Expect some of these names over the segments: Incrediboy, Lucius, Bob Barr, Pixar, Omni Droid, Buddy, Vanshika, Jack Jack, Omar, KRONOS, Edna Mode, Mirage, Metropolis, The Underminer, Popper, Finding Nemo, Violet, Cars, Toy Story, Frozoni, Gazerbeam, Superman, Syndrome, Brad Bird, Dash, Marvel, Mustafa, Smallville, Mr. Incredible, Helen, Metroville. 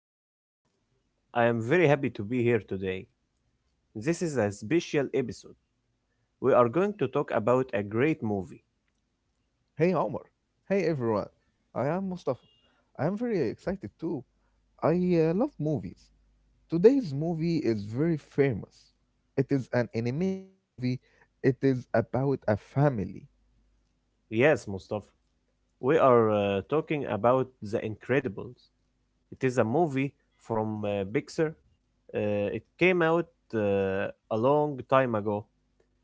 name is Omar. I am very happy to be here today. This is a special episode. We are going to talk about a great movie. Hey Omar. Hey everyone. I am Mustafa. I am very excited too. I love movies. Today's movie is very famous. It is an animated movie. It is about a family. Yes, Mustafa, we are talking about The Incredibles. It is a movie from Pixar. It came out a long time ago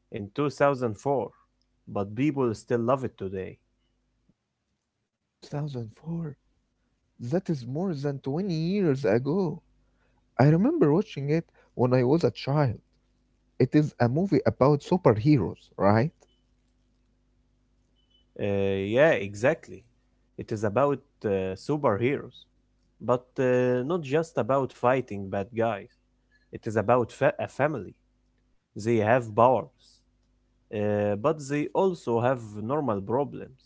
in 2004, but people still love it today. Wow. 2004. That is more than 20 years ago. I remember watching it when I was a child. It is a movie about superheroes, right? Yeah, exactly. It is about superheroes. But not just about fighting bad guys. It is about a family. They have powers, but they also have normal problems.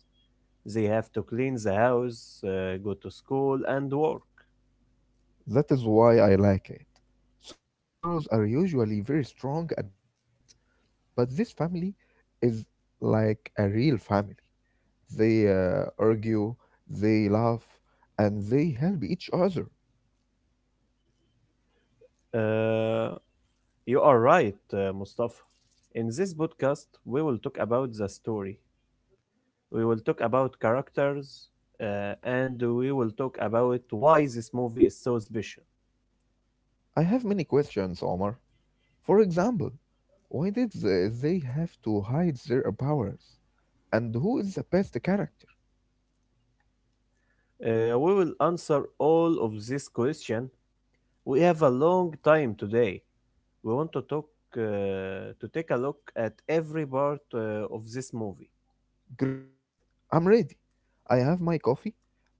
They have to clean the house, go to school, and work. That is why I like it. Superheroes are usually very strong and perfect. But this family is like a real family. They argue, they laugh, and they help each other. Uh, you are right, Mustafa. In this podcast, we will talk about the story. We will talk about characters, and we will talk about why this movie is so special. I have many questions, Omar. For example, why did they have to hide their powers? And who is the best character? We will answer all of this question. We have a long time today. We want to talk to take a look at every part of this movie. Great! I'm ready. I have my coffee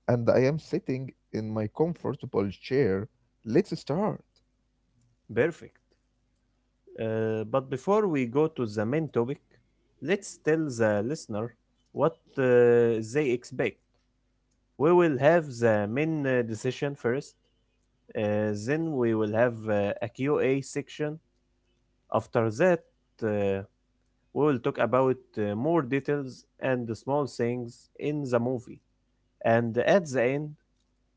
and I am sitting in my comfortable chair. Let's start. Perfect. But before we go to the main topic, let's tell the listener what they expect. We will have the main decision first, then we will have a Q A section. After that, uh, we will talk about more details and the small things in the movie. And at the end,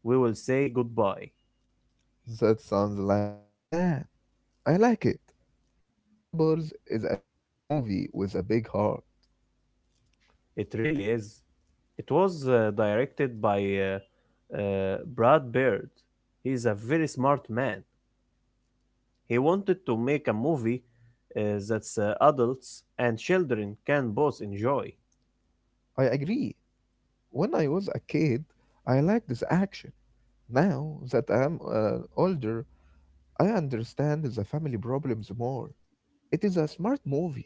we will say goodbye. That sounds like a big plan. I like it. The Incredibles is a big movie with a big heart. It really is. It was directed by Brad Bird. He's a very smart man. He wanted to make a movie uh, that's adults and children can both enjoy. I agree. When I was a kid, I liked this action. Now that I am older, I understand the family problems more. It is a smart movie.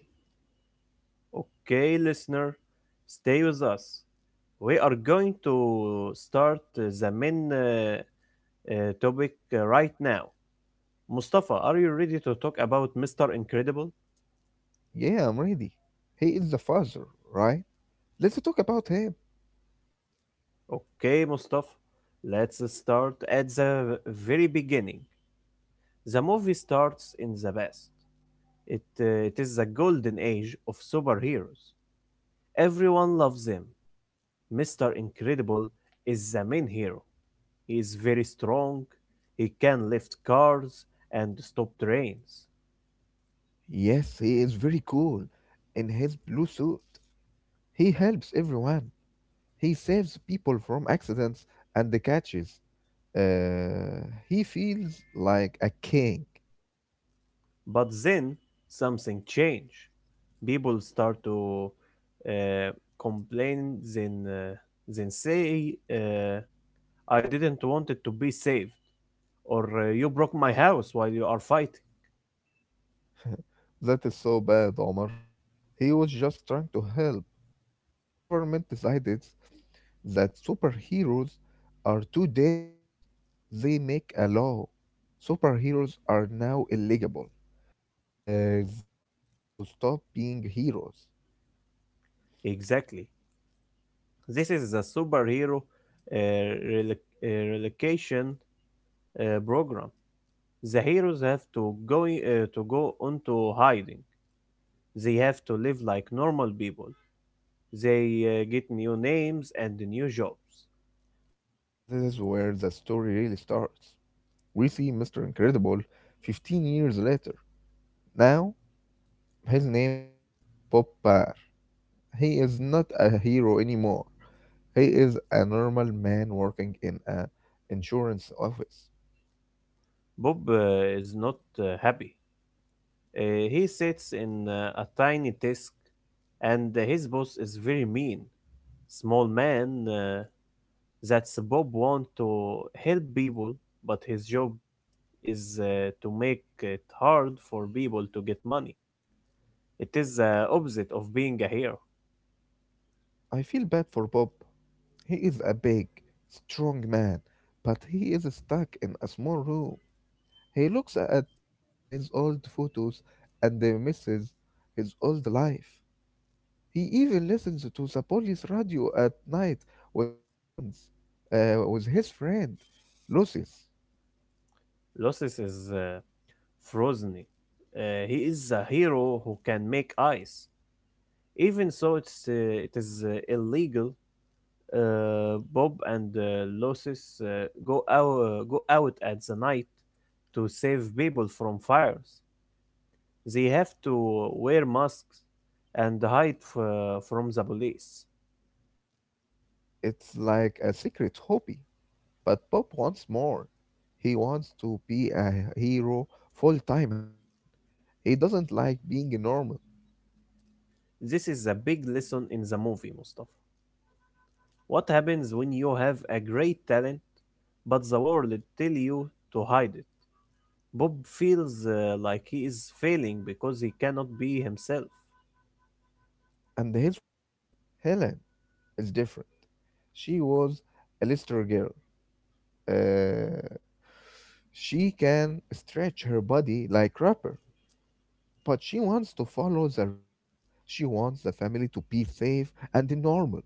Okay, listener, stay with us. We are going to start the main uh, topic right now. Mustafa, are you ready to talk about Mr. Incredible? Yeah, I'm ready. He is the father, right? Let's talk about him. Okay, Mustafa, let's start at the very beginning. The movie starts in the past. It is the golden age of superheroes. Everyone loves him. Mr. Incredible is the main hero. He is very strong. He can lift cars and stop trains. Yes, he is very cool in his blue suit. He helps everyone. He saves people from accidents and the catches. He feels like a king. But then something changed. People start to uh, complain, then say, I didn't want it to be saved, or you broke my house while you are fighting. That is so bad, Omar. He was just trying to help, but the government decided that superheroes are too dangerous. They make a law. Superheroes are now illegible. They have to stop being heroes. Exactly. This is the superhero uh, rel- relocation program. The heroes have to to go into hiding. They have to live like normal people. They get new names and new jobs. This is where the story really starts. We see Mr. Incredible 15 years later. Now, his name is Popper. He is not a hero anymore. He is a normal man working in a insurance office. Bob is not happy. He sits in a tiny desk, and his boss is very mean. Small man. That's Bob want to help people, but his job is to make it hard for people to get money. It is the opposite of being a hero. I feel bad for Bob. He is a big, strong man, but he is stuck in a small room. He looks at his old photos and misses his old life. He even listens to the police radio at night with his friends, with his friend, Lucius. Lucius is frozen. He is a hero who can make ice. Even so, it is illegal. Bob and Lucius go out at the night to save people from fires. They have to wear masks and from the police. It's like a secret hobby. But Bob wants more. He wants to be a hero full time again. He doesn't like being normal. This is a big lesson in the movie, Mustafa. What happens when you have a great talent but the world tell you to hide it? Bob feels like he is failing because he cannot be himself. And his wife, Helen, is different. She was a Lister girl. Uh, she can stretch her body like rapper, but she wants to follow the rules. She wants the family to be safe and normal.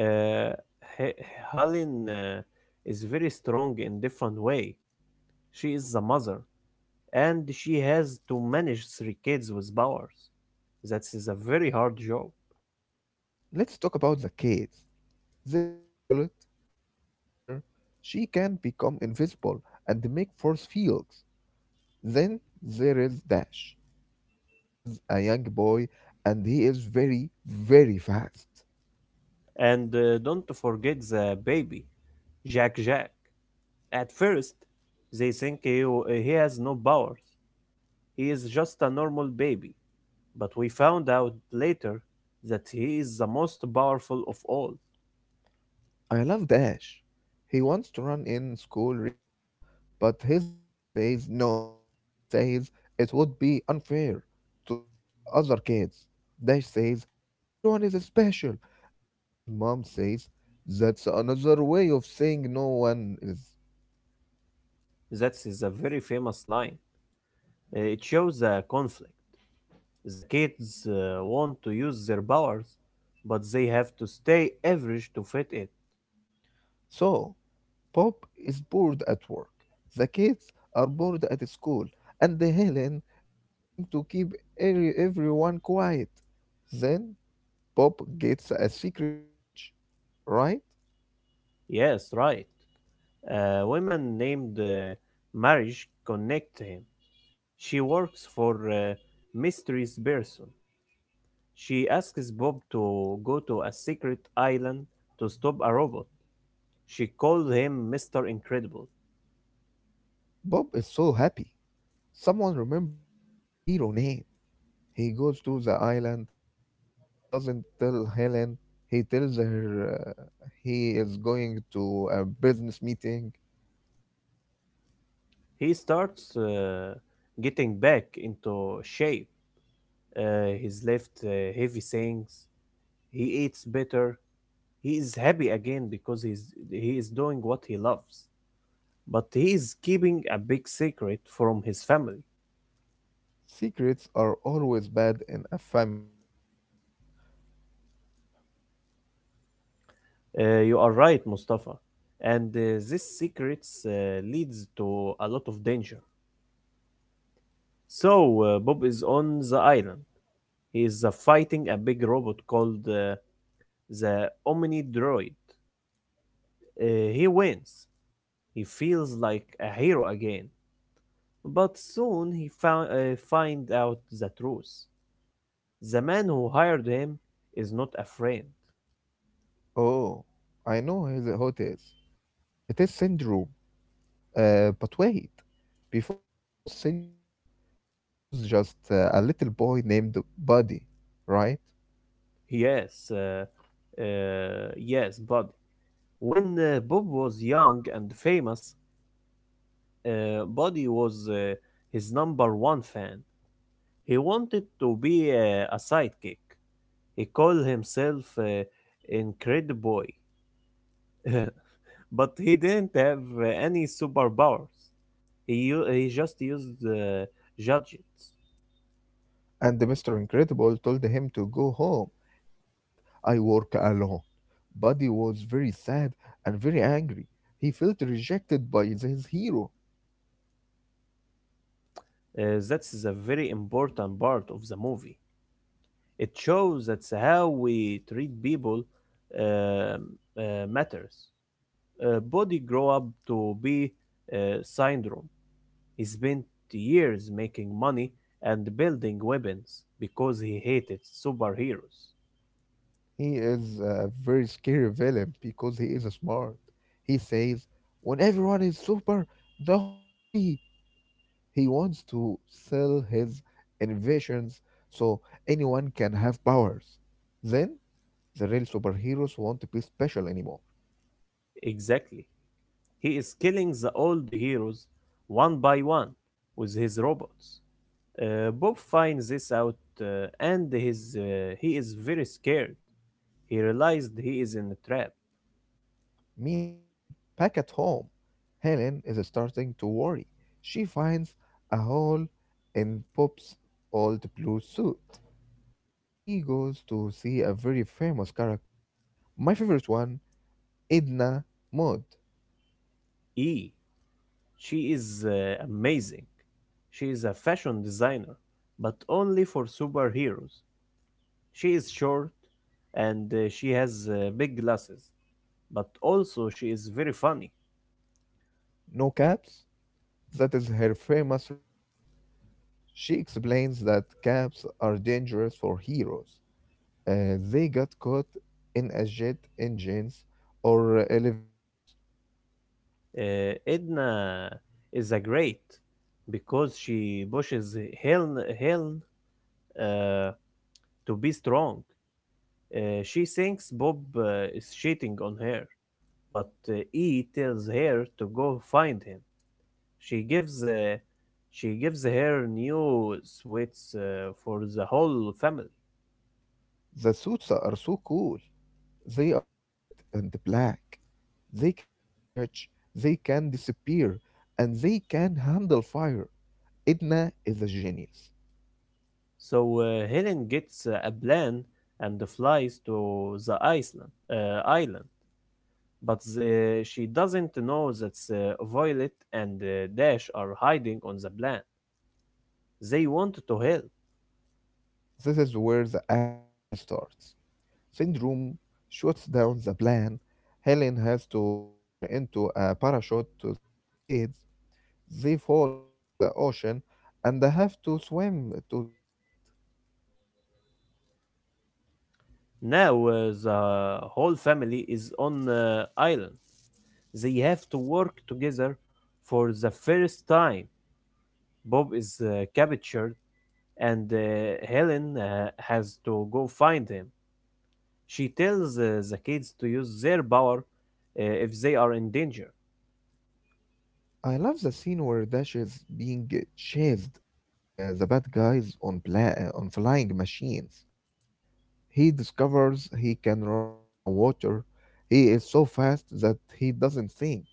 Uh, He- Helen is very strong in different way. She is the mother and she has to manage three kids with powers. That is a very hard job. Let's talk about the kids. There is Violet, the teenager. She can become invisible and make force fields. Then there is Dash. He is a young boy and he is very, very fast. And don't forget the baby, Jack Jack. At first, they think he has no powers. He is just a normal baby. But we found out later that he is the most powerful of all. I love Dash. He wants to run in school races, but his mom says no. She says it would be unfair to the other kids. Dash says everyone is special, and his mom says that's another way of saying no one is. That is a very famous line. It shows the conflict. The kids want to use their powers, but they have to stay average to fit it. So, Pop is bored at work. The kids are bored at school, and Helen is trying to keep everyone quiet. Then Bob gets a secret message, right? Yes, right. A woman named Marriage connect him. She works for Mysteries Person. She asks Bob to go to a secret island to stop a robot. She calls him Mr. Incredible. Bob is so happy. Someone remembers his hero name. He goes to the island. He doesn't tell Helen. He tells her he is going to a business meeting. He starts getting back into shape. He's left heavy things. He eats better. He is happy again because he is doing what he loves. But he is keeping a big secret from his family. Secrets are always bad in a family, Omar. You are right, Mustafa. And this secrets leads to a lot of danger. So Bob is on the island. He is fighting a big robot called the Omni Droid. Uh, he wins. He feels like a hero again. But soon find out the truth. The man who hired him is not a friend. Oh, I know his how it is. It is syndrome. But wait, before he was syndrome, he was just a little boy named Buddy, right? Yes, uh, yes, but when Bob was young and famous, Buddy was his number one fan. He wanted to be a sidekick. He called himself Incrediboy, but he didn't have any superpowers. He just used gadgets. And Mr. Incredible told him to go home. He said, I work alone. Buddy was very sad and very angry. He felt rejected by his hero. That's a very important part of the movie. It shows that's how we treat people um, matters. Body grow up to be uh, syndrome. He spent years making money and building weapons because he hated superheroes. He is a very scary villain because he is smart. He says, when everyone is super, no one will be. He wants to sell his inventions so anyone can have powers. Then the real superheroes won't be special anymore. Exactly. He is killing the old heroes one by one with his robots. Bob finds this out uh, he is very scared. He realized he is in a trap. Meanwhile, back at home, Helen is starting to worry. She finds a hole in Pop's old blue suit. She goes to see a very famous character, my favorite one, Edna Mode. E. She is amazing. She is a fashion designer, but only for superheroes. She is short and she has big glasses. But also she is very funny. No caps? That is her famous rule. She explains that caps are dangerous for heroes. They got caught in a jet engines or elevators. Edna is a great because she pushes Helen uh, to be strong. She thinks Bob is cheating on her, but E tells her to go find him. She gives uh, she gives her new sweets for the whole family. The suits are so cool. They are red and black. They can stretch, they can disappear, and they can handle fire. Edna is a genius. So Helen gets a plan and flies to the Iceland island, but she doesn't know that the Violet and Dash are hiding on the plan. They want to help. This is where the action really starts. Syndrome shuts down the plan. Helen has to turn into a parachute to save the kids. They fall into the ocean and they have to swim to the island. Now the whole family is on the island. They have to work together for the first time. Bob is captured and Helen has to go find him. She tells the kids to use their power if they are in danger. I love the scene where Dash is being chased by the bad guys on, on flying machines. He discovers he can run on a water. He is so fast that he doesn't think.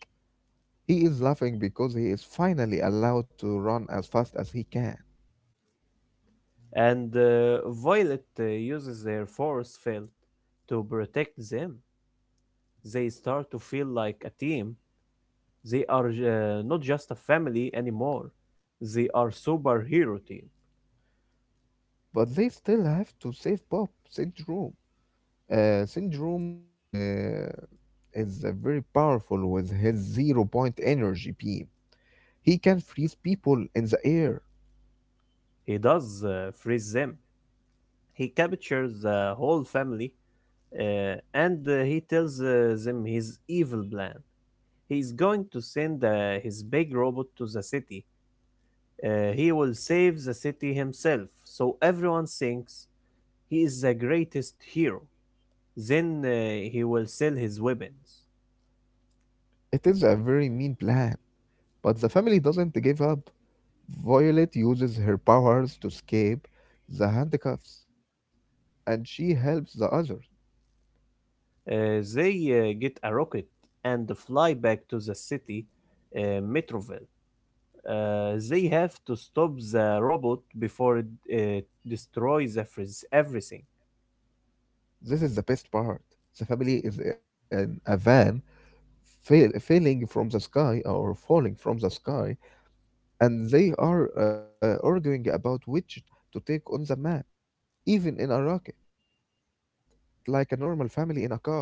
He is laughing because he is finally allowed to run as fast as he can. And Violet uses their force field to protect them. They start to feel like a team. They are not just a family anymore. They are superhero team. But they still have to save Bob. Syndrome. Syndrome is very powerful with his zero point energy beam. He can freeze people in the air. He does freeze them. He captures the whole family uh, and he tells them his evil plan. He's going to send his big robot to the city. He will save the city himself, so everyone thinks he is the greatest hero. Then he will sell his weapons. It is a very mean plan, but the family doesn't give up. Violet uses her powers to escape the handcuffs, and she helps the others. They get a rocket and fly back to the city, Metroville. They have to stop the robot before it uh, destroys everything. This is the best part. The family is in a van failing from the sky or falling from the sky, and they are arguing about which turn to take on the map, even in a rocket. They act like a normal family in a car.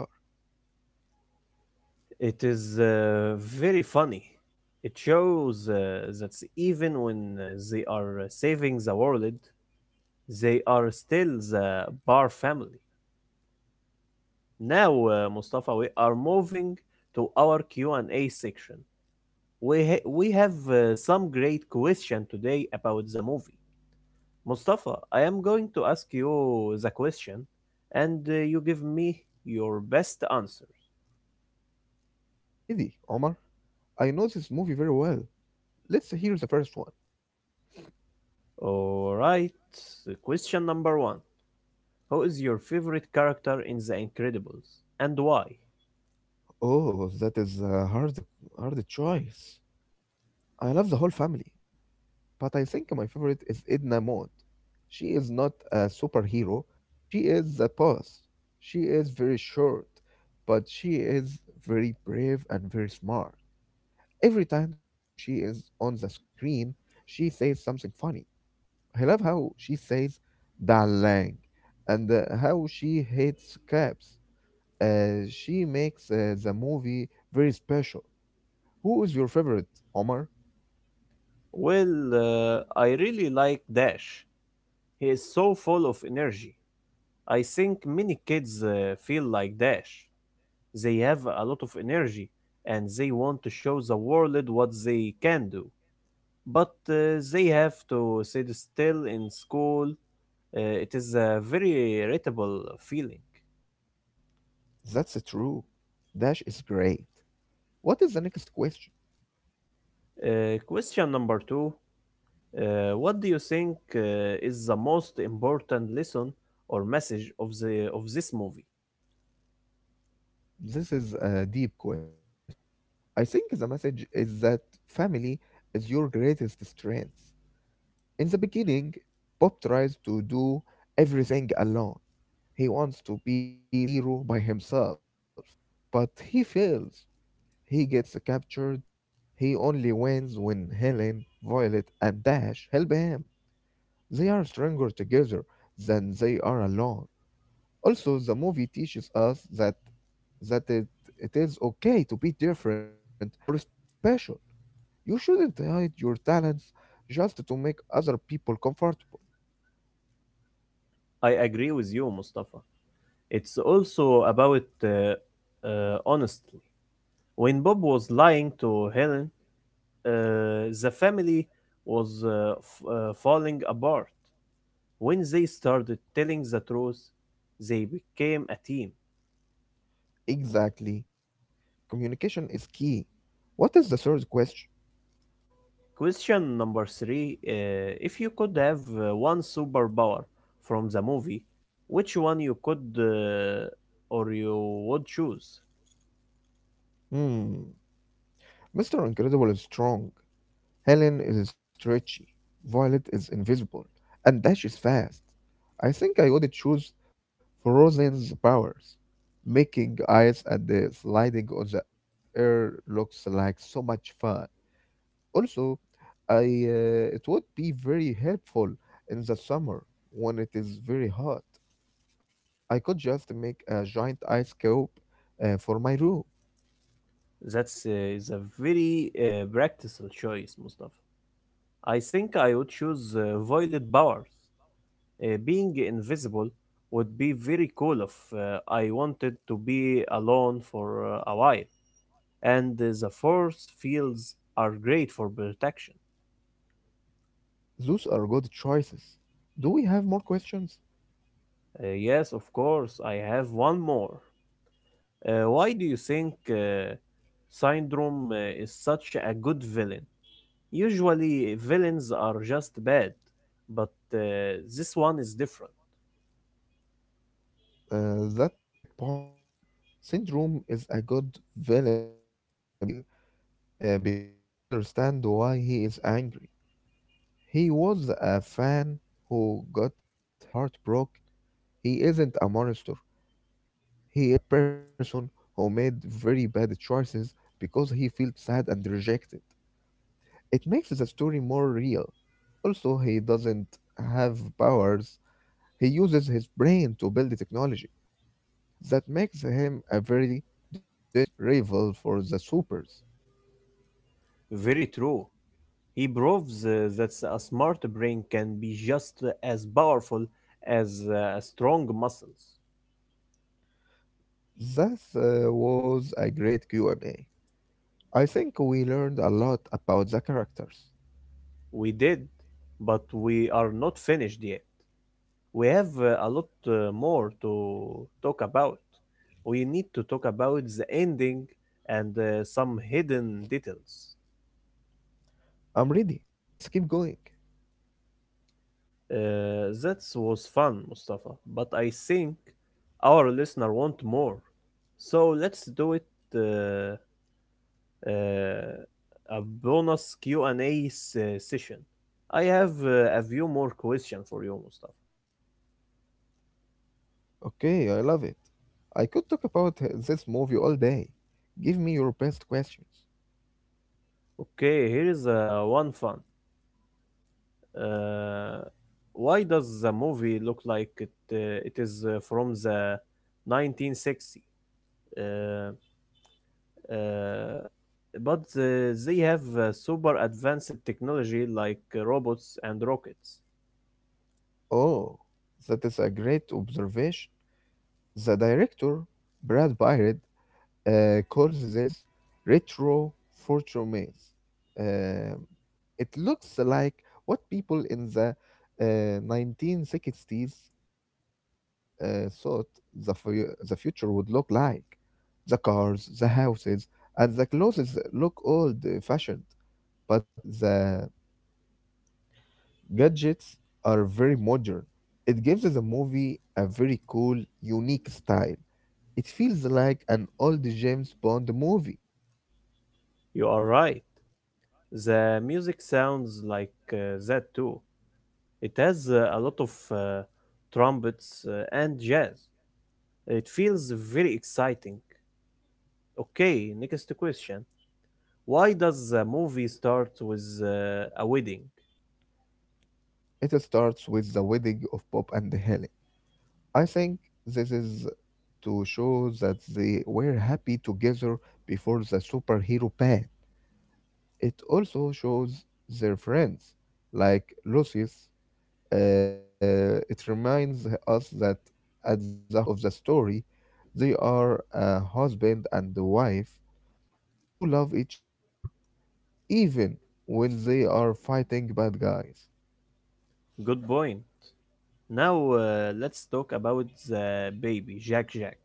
It is very funny. It shows that even when they are saving the world, they are still the Bar family. Now, Mustafa, we are moving to our Q&A section. We we have some great question today about the movie. Mustafa, I am going to ask you the question, and you give me your best answers. I'm ready, Omar. I know this movie very well. Let's hear the first one. All right. So question number one: Who is your favorite character in The Incredibles, and why? Oh, that is a hard choice. I love the whole family, but I think my favorite is Edna Mode. She is not a superhero, but she is the boss. She is very short, but she is very brave and very smart. Every time she is on the screen, she says something funny. I love how she says "darling" and how she hates cabs. She makes the movie very special. Who is your favorite, Omar? Well, I really like Dash. He is so full of energy. I think many kids feel like Dash. They have a lot of energy and they want to show the world what they can do. But they have to sit still in school. It is a very irritable feeling. That's true. Dash is great. What is the next question? Question number two: What do you think is the most important lesson or message of this movie? This is a deep question. I think the message is that family is your greatest strength. In the beginning, Bob tries to do everything alone. He wants to be the hero by himself, but he fails. He gets captured. He only wins when Helen, Violet, and Dash help him. They are stronger together than they are alone. Also, the movie teaches us that it is okay to be different or special. You shouldn't hide your talents just to make other people comfortable. I agree with you, Mustafa. It's also about honestly. When Bob was lying to Helen, uh, the family was falling apart. When they started telling the truth, they became a team. Exactly. Communication is key. What is the third question? Question number three: If you could have one superpower from the movie, which one you could or you would choose? Hmm. Mr. Incredible is strong. Helen is stretchy, Violet is invisible, and Dash is fast. I think I would choose Frozen's powers. Making ice and the sliding on the air looks like so much fun. Also, I it would be very helpful in the summer when it is very hot. I could just make a giant ice cube for my room. That's is a very practical choice, Mustafa. I think I would choose violet powers. Being invisible would be very cool if I wanted to be alone for a while. And the force fields are great for protection. Those are good choices. Do we have more questions? Yes, of course, I have one more. Why do you think Syndrome is such a good villain? Usually, villains are just bad, but this one is different. That is a great point. Syndrome is a good villain because we understand why he is angry. He was a fan who got his heart broken. He isn't a monster. He is a person who made very bad choices because he felt sad and rejected. It makes the story more real. Also, he doesn't have powers. He uses his brain to build the technology. That makes him a very dangerous rival for the Supers. Very true. He proves that a smart brain can be just as powerful as strong muscles. That was a great q and A. I think we learned a lot about the characters. We did, but we are not finished yet. We have a lot more to talk about. We need to talk about the ending and some hidden details. I'm ready. Let's keep going. That was fun, Mustafa, but I think our listener want more. So let's do it. Uh, uh, a bonus Q&A session. I have a few more questions for you, Mustafa. Okay, I love it. I could talk about this movie all day. Give me your best questions. Okay, here is one fun. Uh, why does the movie look like it is from the 1960s? Uh, uh, but they have super advanced technology like robots and rockets. Oh, that is a great observation. The director, Brad Bird, calls this retro fortunes. Um, it looks like what people in the 1960s thought the future would look like. The cars, the houses, and the clothes look old fashioned, but the gadgets are very modern. It gives the movie a very cool, unique style. It feels like an old James Bond movie. You are right. The music sounds like that too. It has a lot of trumpets and jazz. It feels very exciting. Okay, next question. Why does the movie start with a wedding? It starts with the wedding of Bob and Helen. I think this is to show that they were happy together before the superhero ban. It also shows their friends, like Lucius. It reminds us that at the heart of the story, they are a husband and wife who love each other, even when they are fighting bad guys. Good point. Now, let's talk about the baby, Jack Jack.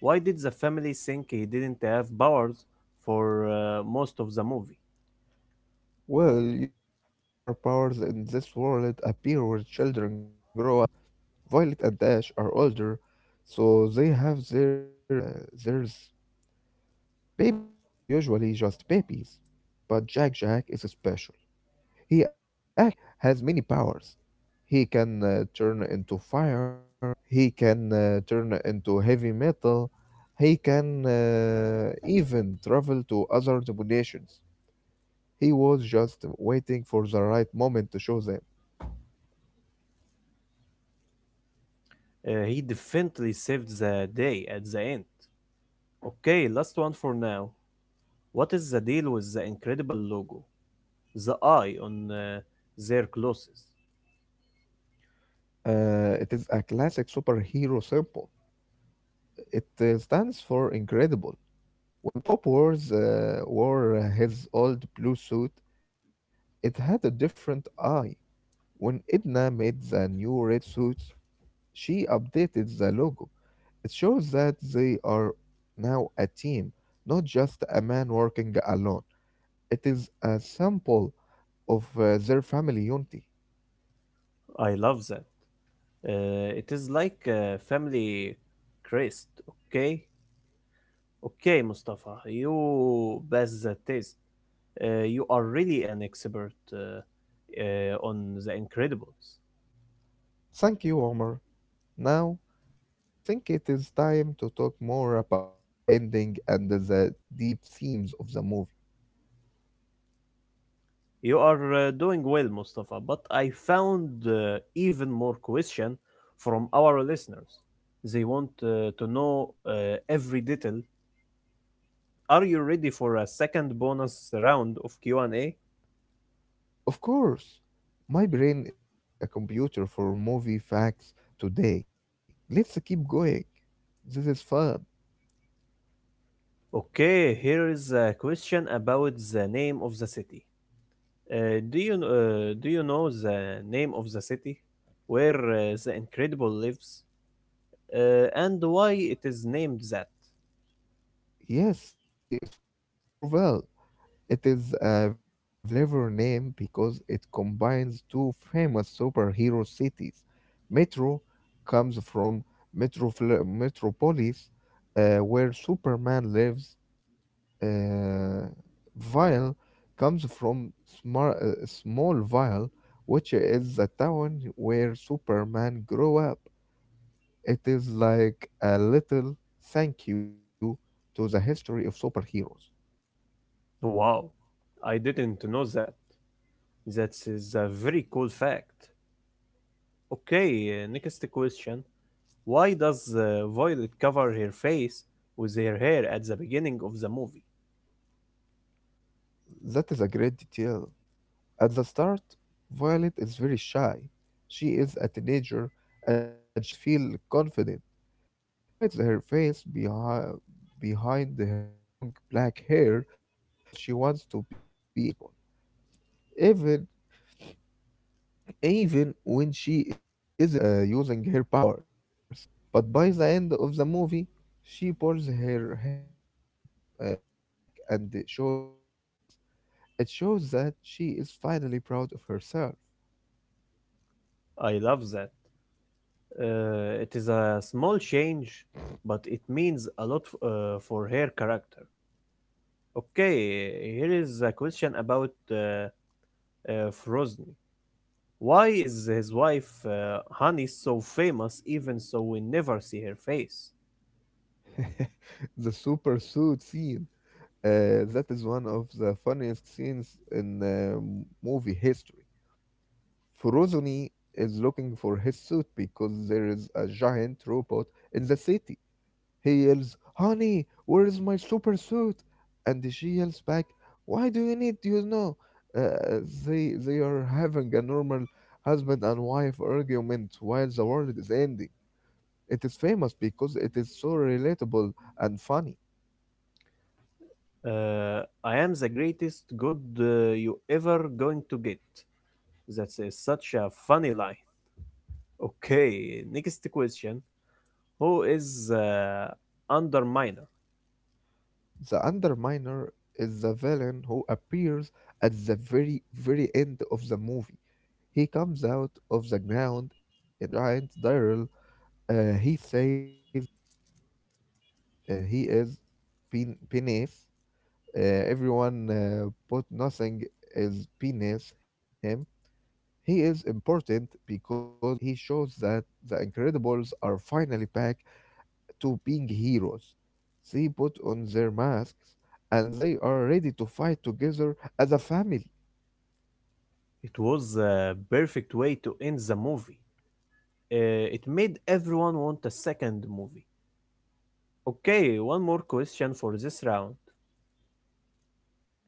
Why did the family think he didn't have powers for most of the movie? Well, usually superpowers in this world appear when children grow up. Violet and Dash are older, so they have their babies are usually just babies. But Jack Jack is special. He actually has many powers. He can turn into fire. He can turn into heavy metal. He can even travel to other dimensions. He was just waiting for the right moment to show them. He definitely saved the day at the end. Okay, last one for now. What is the deal with the incredible logo? The eye on their clothes. It is a classic superhero symbol. It stands for incredible. When Pop wore his old blue suit, it had a different eye. When Edna made the new red suits, she updated the logo. It shows that they are now a team, not just a man working alone. It is a sample of their family unity. I love that. It is like a family crest, okay? Okay, Mustafa, you pass the test. You are really an expert on The Incredibles. Thank you, Omar. Now, I think it is time to talk more about the ending and the deep themes of the movie. You are doing well, Mustafa, but I found even more question from our listeners. They want to know every detail. Are you ready for a second bonus round of Q&A? Of course, my brain is like a computer for movie facts today. Let's keep going. This is fun. Okay, here is a question about the name of the city. Do you know the name of the city where the Incredible lives and why it is named that? Yes, the city is called Metroville. It is a very clever name because it combines two famous superhero cities. Metro comes from Metropolis, where Superman lives, uh, vial comes from small vial, which is the town where Superman grew up. It is like a little thank you to the history of superheroes. Wow, I didn't know that. That is a very cool fact. Okay, next question. Why does Violet cover her face with her hair at the beginning of the movie? That is a great detail. At the start, Violet is very shy. She is a teenager and she doesn't feel confident. She hides her face behind her long black hair because she wants to be invisible. even even when she isn't using her powers. But by the end of the movie, she pulls her hair back and shows her face. It shows that she is finally proud of herself. I love that. It is a small change, but it means a lot for her character. Okay, here is a question about Frozni. Why is his wife Honey so famous, even so we never see her face? The super suit scene. That is one of the funniest scenes in movie history. Frozoni is looking for his suit because there is a giant robot in the city. He yells, "Honey, where's my super suit?" And she yells back, "Why do you need, you know?" Uh, they are having a normal husband and wife argument while the world is ending. It is famous because it is so relatable and funny. I am the greatest good you ever going to get. That is such a funny line. Okay, next question. Who is Underminer? The Underminer is the villain who appears at the very, very end of the movie. He comes out of the ground in a giant direwolf. He says he is Penis. Everyone but nothing is beneath him. He is important because he shows that the Incredibles are finally back to being heroes. They put on their masks and they are ready to fight together as a family. It was a perfect way to end the movie. It made everyone want a second movie. Okay, one more question for this round.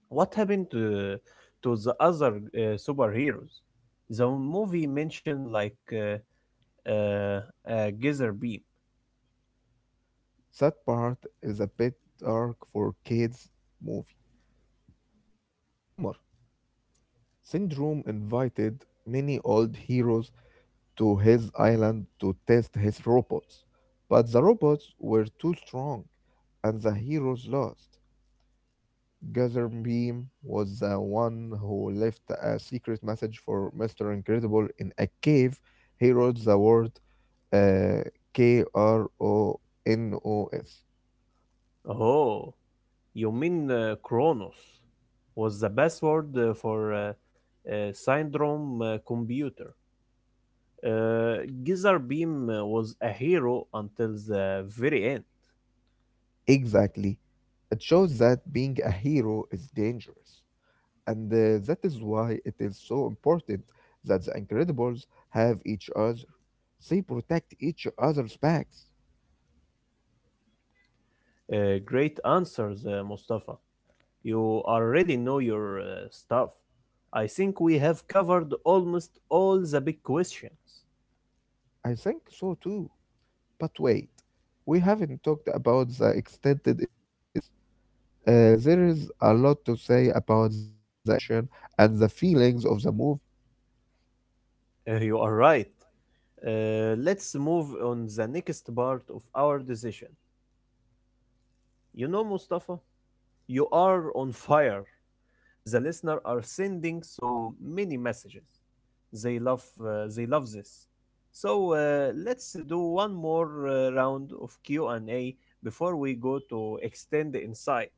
What happened to the other superheroes? The movie mentioned like uh, a geyser beam. That part is a bit dark for kids' movie. Homer Syndrome invited many old heroes to his island to test his robots. But the robots were too strong, and the heroes lost. Gazerbeam was the one who left a secret message for Mr. Incredible in a cave. He wrote the word uh, KRONOS. Oh, you mean Kronos was the password for Syndrome Computer. Gizar Beam was a hero until the very end. Exactly. It shows that being a hero is dangerous. And that is why it is so important that the Incredibles have each other. They protect each other's backs. Great answers, Mustafa. You already know your stuff. I think we have covered almost all the big questions. I think so too. But wait, we haven't talked about the extended insights. There is a lot to say about the animation and the feelings of the movie. You are right. Let's move on the next part of our decision. You know, Mustafa, you are on fire, the listener are sending so many messages. They love this. So let's do one more round of Q&A before we go to extend the insight.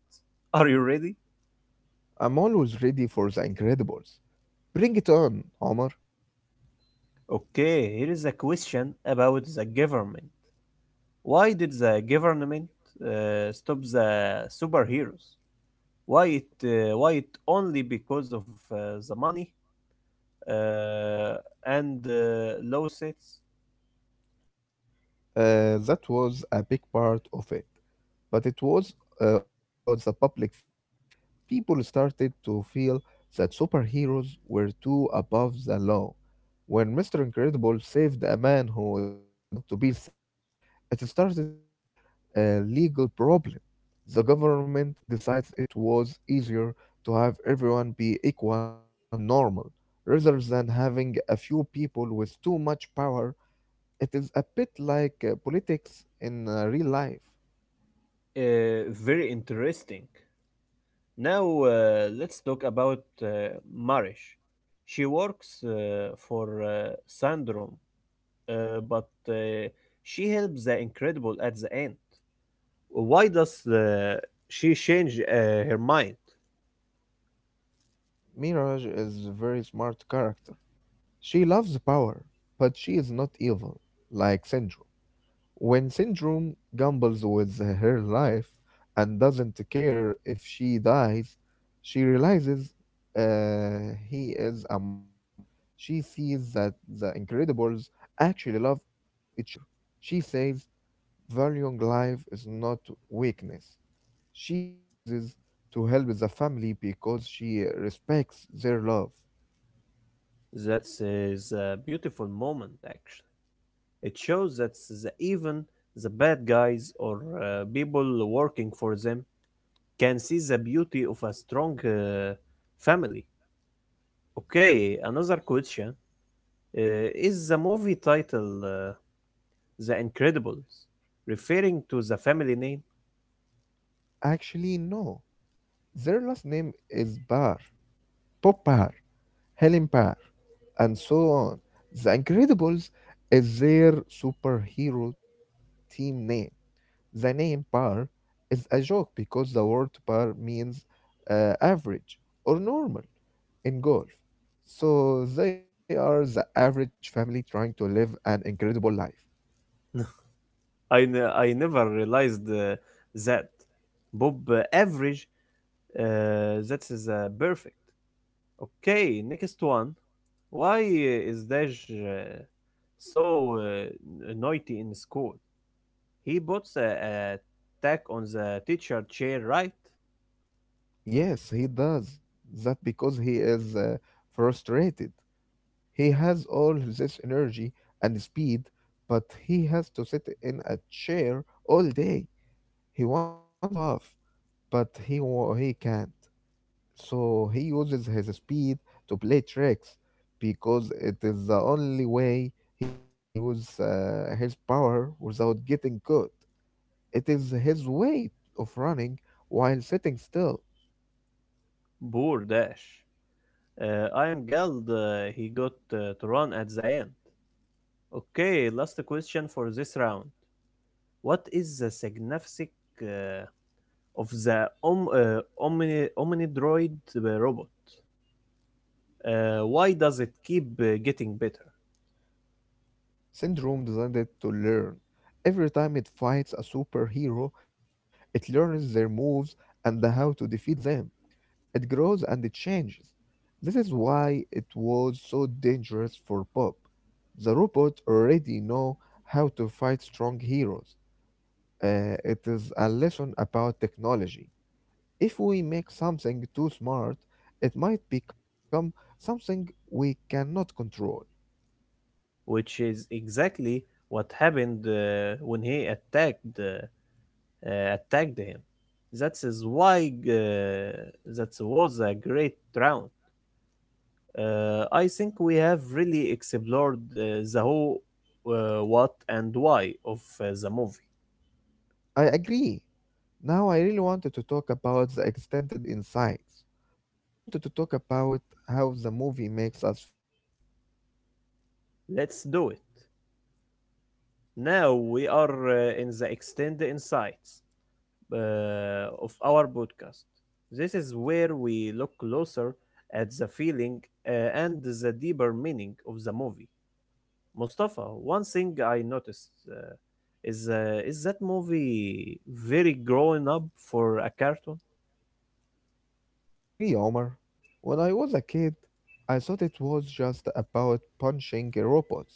Are you ready? I'm always ready for the Incredibles. Bring it on, Homer. Okay, here is a question about the government. Why did the government stop the superheroes? Why it only because of uh, the money uh, and lawsuits? That was a big part of it. But it was also about the public feeling. People started to feel that superheroes were too above the law. When Mr. Incredible saved a man who didn't want to be saved, it started to be a legal problem. The government decides it was easier to have everyone be equal and normal rather than having a few people with too much power. It is a bit like politics in real life. Very interesting. Now, let's talk about Marish. She works for Sandrum, but she helps the Incredible at the end. Why does she change her mind? Mirage is a very smart character. She loves power, but she is not evil, like Syndrome. When Syndrome gambles with her life and doesn't care if she dies, she realizes he is a monster. She sees that the Incredibles actually love each other. She says, valuing life is not weakness. She chooses to help the family because she respects their love. That is a beautiful moment, actually. It shows that even the bad guys or people working for them can see the beauty of a strong family. Okay, another question. Is the movie title The Incredibles referring to the family name? Actually, no. Their last name is Barr, Bob Barr, Helen Barr, and so on. The Incredibles is their superhero team name. The name Barr is a joke because the word Barr means average or normal in golf. So they are the average family trying to live an incredible life. I never realized that. Bob Average, uh, that is perfect. Okay, next one. Why is Dash so naughty in school? He puts a tack on the teacher chair, right? Yes, he does. That because he is frustrated. He has all this energy and speed, but he has to sit in a chair all day. He wants to show off, but he can't. So he uses his speed to play tricks because it is the only way he can use his power without getting caught. It is his way of running while sitting still. Poor Dash. I am glad he got to run at the end. Okay, last question for this round. What is the significance uh, of the omnidroid robot? Why does it keep getting better? Syndrome designed to learn. Every time it fights a superhero, it learns their moves and how to defeat them. It grows and it changes. This is why it was so dangerous for Bob. The robot already know how to fight strong heroes. It is a lesson about technology. If we make something too smart, it might become something we cannot control. Which is exactly what happened when he attacked attacked him. That is why That was a great round. I think we have really explored the who, what, and why of the movie. I agree. Now, I really wanted to talk about the extended insights. I wanted to talk about how the movie makes us feel. Let's do it. Now we are in the extended insights of our podcast. This is where we look closer at the feeling and the deeper meaning of the movie. Mustafa, one thing I noticed is that movie very growing up for a cartoon? I agree, Omar. When I was a kid, I thought it was just about punching robots.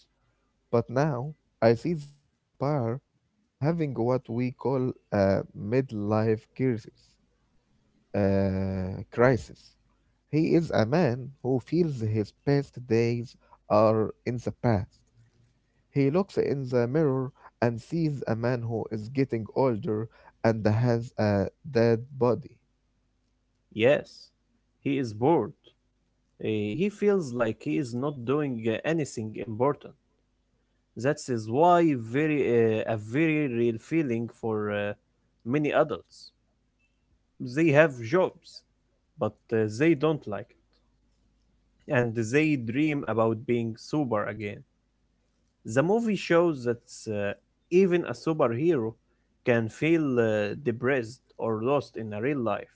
But now, I see that Bob Barr is having what we call a midlife crisis. Uh, crisis. He is a man who feels his best days are in the past. He looks in the mirror and sees a man who is getting older and has a dead body. Yes, he is bored. Eh, he feels like he is not doing anything important. That is why very a very real feeling for many adults. They have jobs, but they don't like it, and they dream about being sober again. The movie shows that even a superhero can feel depressed or lost in a real life.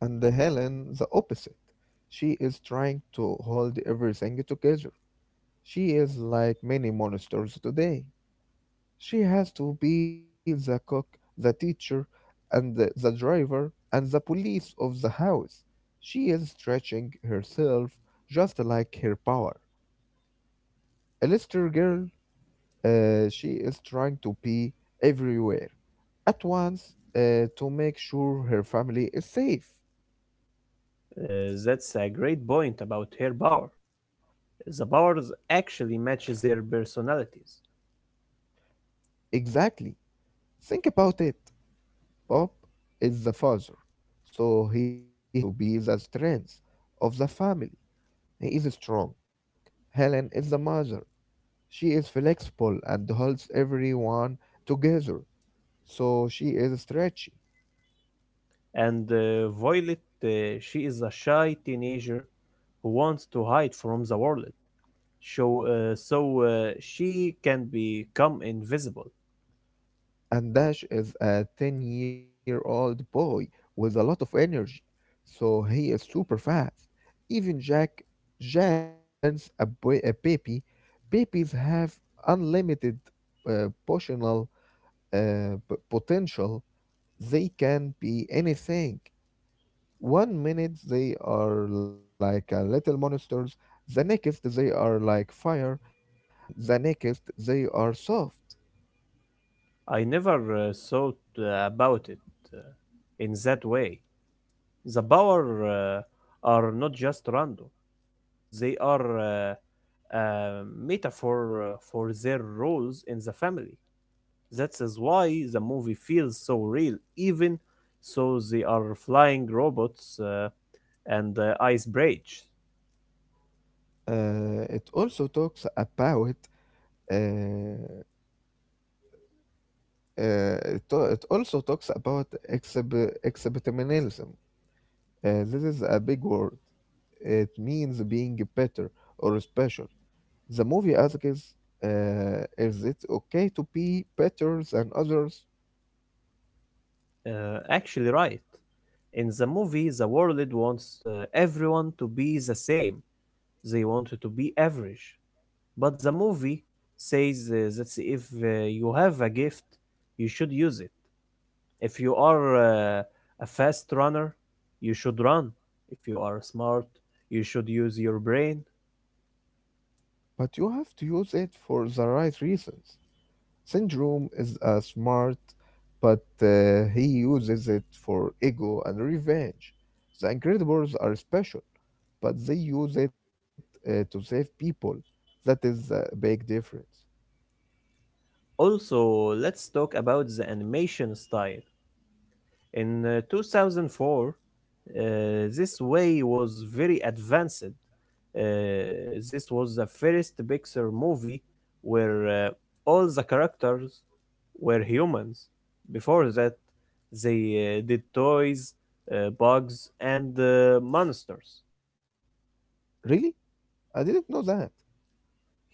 And Helen, the opposite. She is trying to hold everything together. She is like many monsters today. She has to be the cook, the teacher, and the driver, and the police of the house. She is stretching herself just like her power. A Lister girl. She is trying to be everywhere at once to make sure her family is safe. That's a great point about her power. The powers actually match their personalities. Exactly. Think about it. Bob is the father, so he has to be the strength of the family. He is strong. Helen is the mother. She is flexible and holds everyone together, so she is stretchy. And Violet, she is a shy teenager who wants to hide from the world, so she can become invisible. And Dash is a 10-year-old year old boy with a lot of energy, so he is super fast. Even Jack, Jack represents a, boy, a baby. Babies have unlimited uh, potional, potential, they can be anything. One minute they are like little monsters, the next they are like fire, and the next they are soft. I never thought about it uh, in that way. The power are not just random; they are a metaphor for their roles in the family. That is why the movie feels so real, even so they are flying robots. And Ice Bridge. It also talks about Uh, it also talks about exhibitionism. This is a big word. It means being better or special. The movie asks, is it okay to be better than others? Uh, Actually, right. In the movie, the world wants everyone to be the same. They want to be average. But the movie says that if you have a gift, you should use it. If you are a fast runner, you should run. If you are smart, you should use your brain. But you have to use it for the right reasons. Syndrome is a smart, but he uses it for ego and revenge. The Incredibles are special, but they use it to save people. That is a big difference. Also, let's talk about the animation style. In 2004, this way was very advanced. Uh, this was the first Pixar movie where all the characters were humans. Before that, they did toys, bugs, and monsters. Really? I didn't know that.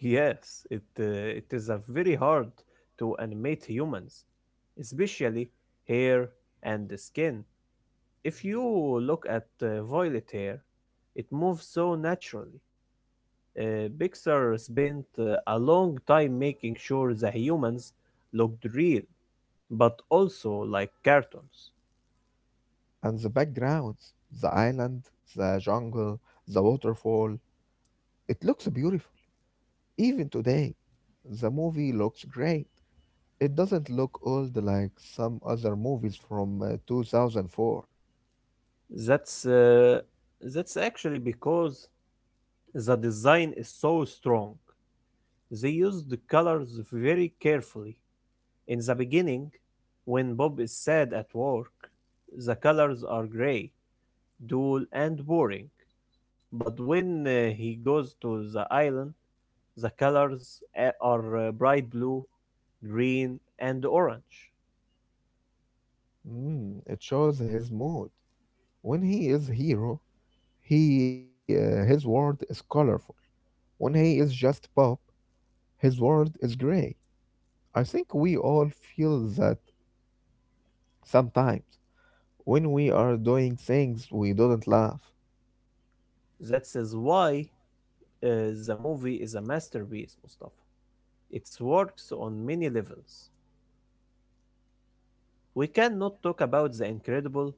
Yes, it is a very hard to animate humans, especially hair and the skin. If you look at Violet here, it moves so naturally. Pixar spent a long time making sure the humans looked real, but also like cartoons. And the backgrounds, the island, the jungle, the waterfall, it looks beautiful. Even today, the movie looks great. It doesn't look old like some other movies from 2004. That's uh, that's actually because the design is so strong. They used the colors very carefully. In the beginning, when Bob is sad at work, the colors are gray, dull, and boring. But when he goes to the island, the colors are bright blue, green, and orange. Mm, it shows his mood. When he is hero, he his world is colorful. When he is just pop, his world is gray. I think we all feel that sometimes when we are doing things we don't love. That is why uh, the movie is a masterpiece, Mustafa. It works on many levels. We cannot talk about the incredible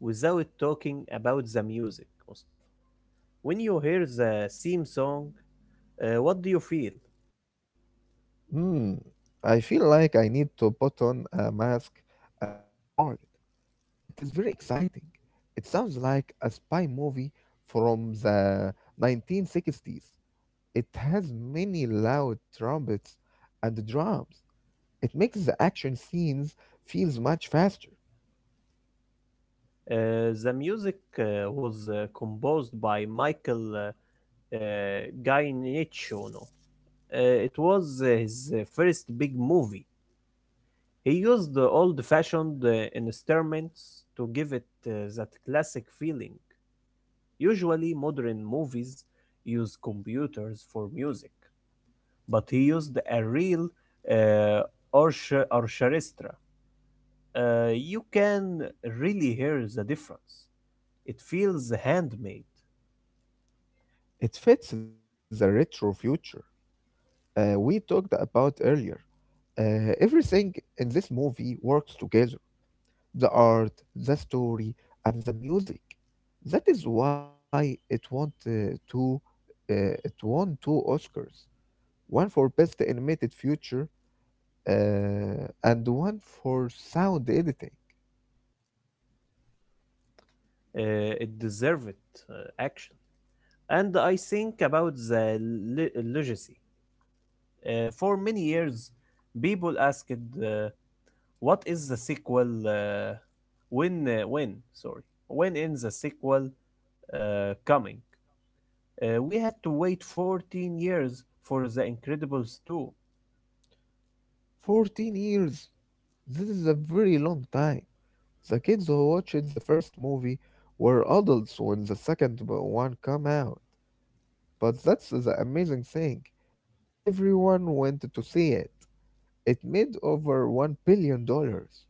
without talking about the music, Mustafa. When you hear the theme song, what do you feel? Hmm. I feel like I need to put on a mask and save the world. It is very exciting. It sounds like a spy movie from the 1960s. It has many loud trumpets and drums. It makes the action scenes feels much faster. The music was composed by Michael Guy Nicciono. It was his first big movie. He used the old-fashioned instruments to give it that classic feeling. Usually, modern movies use computers for music, but he used a real uh, orchestra. You can really hear the difference. It feels handmade. It fits the retro future we talked about earlier. Everything in this movie works together, the art, the story, and the music. That is why two. Uh, it won two Oscars, one for best animated feature uh, and one for sound editing. It deserves it, action. And I think about the legacy. For many years, people asked, "What is the sequel? When? When? Sorry, when is the sequel coming?" We had to wait 14 years for The Incredibles 2. 14 years? This is a very long time. The kids who watched the first movie were adults when the second one came out. But that's the amazing thing. Everyone went to see it. It made over 1 billion dollars.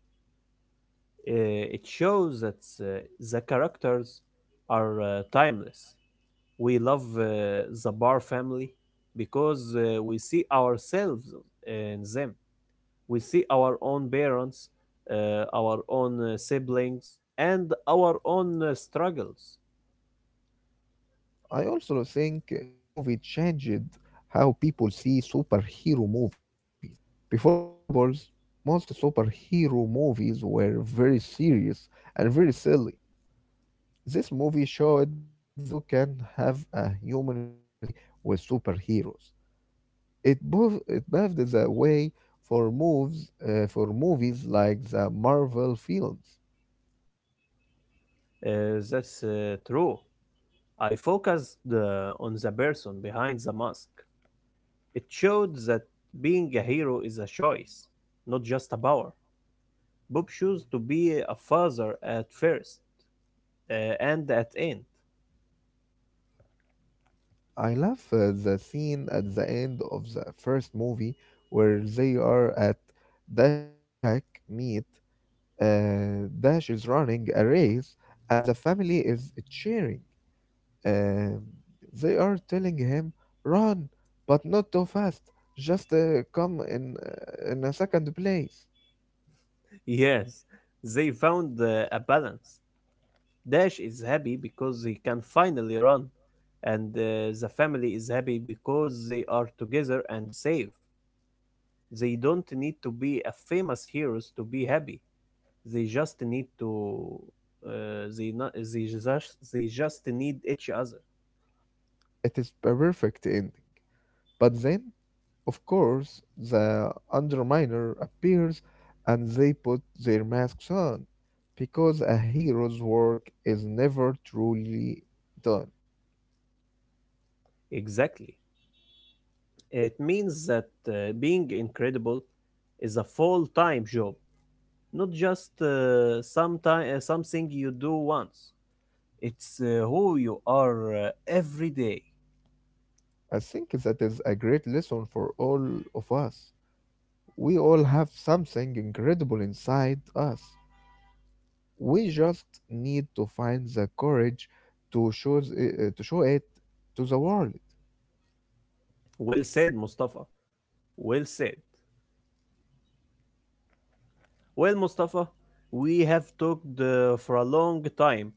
It shows that the characters are timeless. We love the Bar family because we see ourselves in them. We see our own parents, our own siblings, and our own struggles. I also think the movie changed how people see superhero movies. Before The Incredibles, most superhero movies were very serious and very silly. This movie showed that you can have a human story with superheroes. It paved the way for movies like the Marvel films. Uh, that's true. I focused on the person behind the mask. It showed that being a hero is a choice, not just a power. Bob chose to be a father at first uh, and at end. I love the scene at the end of the first movie where they are at Dash's track meet. Dash is running a race, and the family is cheering. Um, they are telling him, run, but not too fast. Just come in in a second place. Yes, they found a balance. Dash is happy because he can finally run, and the family is happy because they are together and safe. They don't need to be a famous heroes to be happy. They just need to they not, they just need each other. It is perfect ending. But then, of course, the Underminer appears and they put their masks on. Because a hero's work is never truly done. Exactly. It means that being incredible is a full-time job, not just something you do once. It's who you are every day. I think that is a great lesson for all of us. We all have something incredible inside us. We just need to find the courage to show it to the world. Well said, Mustafa. Well said. Well, Mustafa, we have talked for a long time.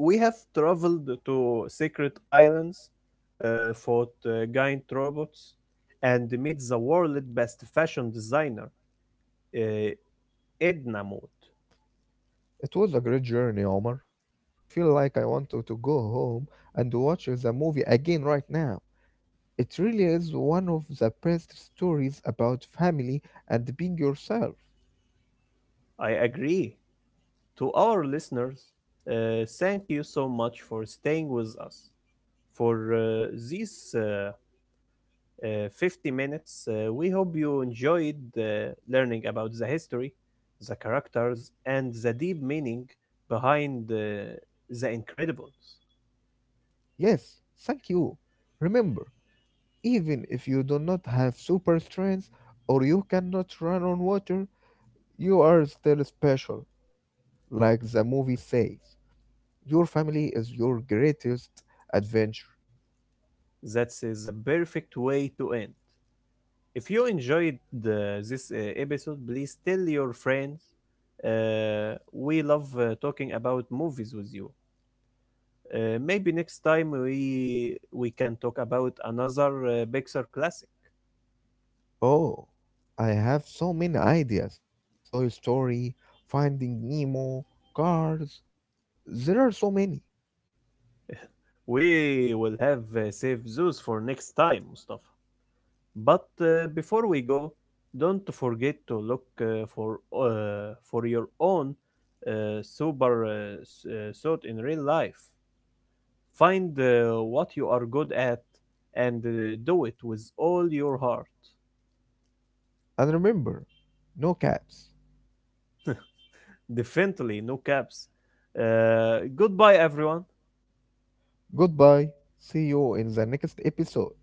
We have traveled to secret islands, fought giant robots, and met the world's best fashion designer, uh, Edna Mode. It was a great journey, Omar. I feel like I want to go home and watch the movie again right now. It really is one of the best stories about family and being yourself. I agree. To our listeners, thank you so much for staying with us for this. 50 minutes. We hope you enjoyed learning about the history, the characters, and the deep meaning behind The Incredibles. Yes, thank you. Remember, even if you do not have super strength or you cannot run on water, you are still special, like the movie says. Your family is your greatest adventure. That is the perfect way to end. If you enjoyed this episode, please tell your friends. We love talking about movies with you. Maybe next time we can talk about another Pixar classic. Oh, I have so many ideas. Toy Story, Finding Nemo, Cars. There are so many. We will have saved those for next time, Mustafa. But before we go, don't forget to look for your own sober thought in real life. Find what you are good at and do it with all your heart. And remember, no caps. Definitely, no caps. Goodbye, everyone. Goodbye. See you in the next episode.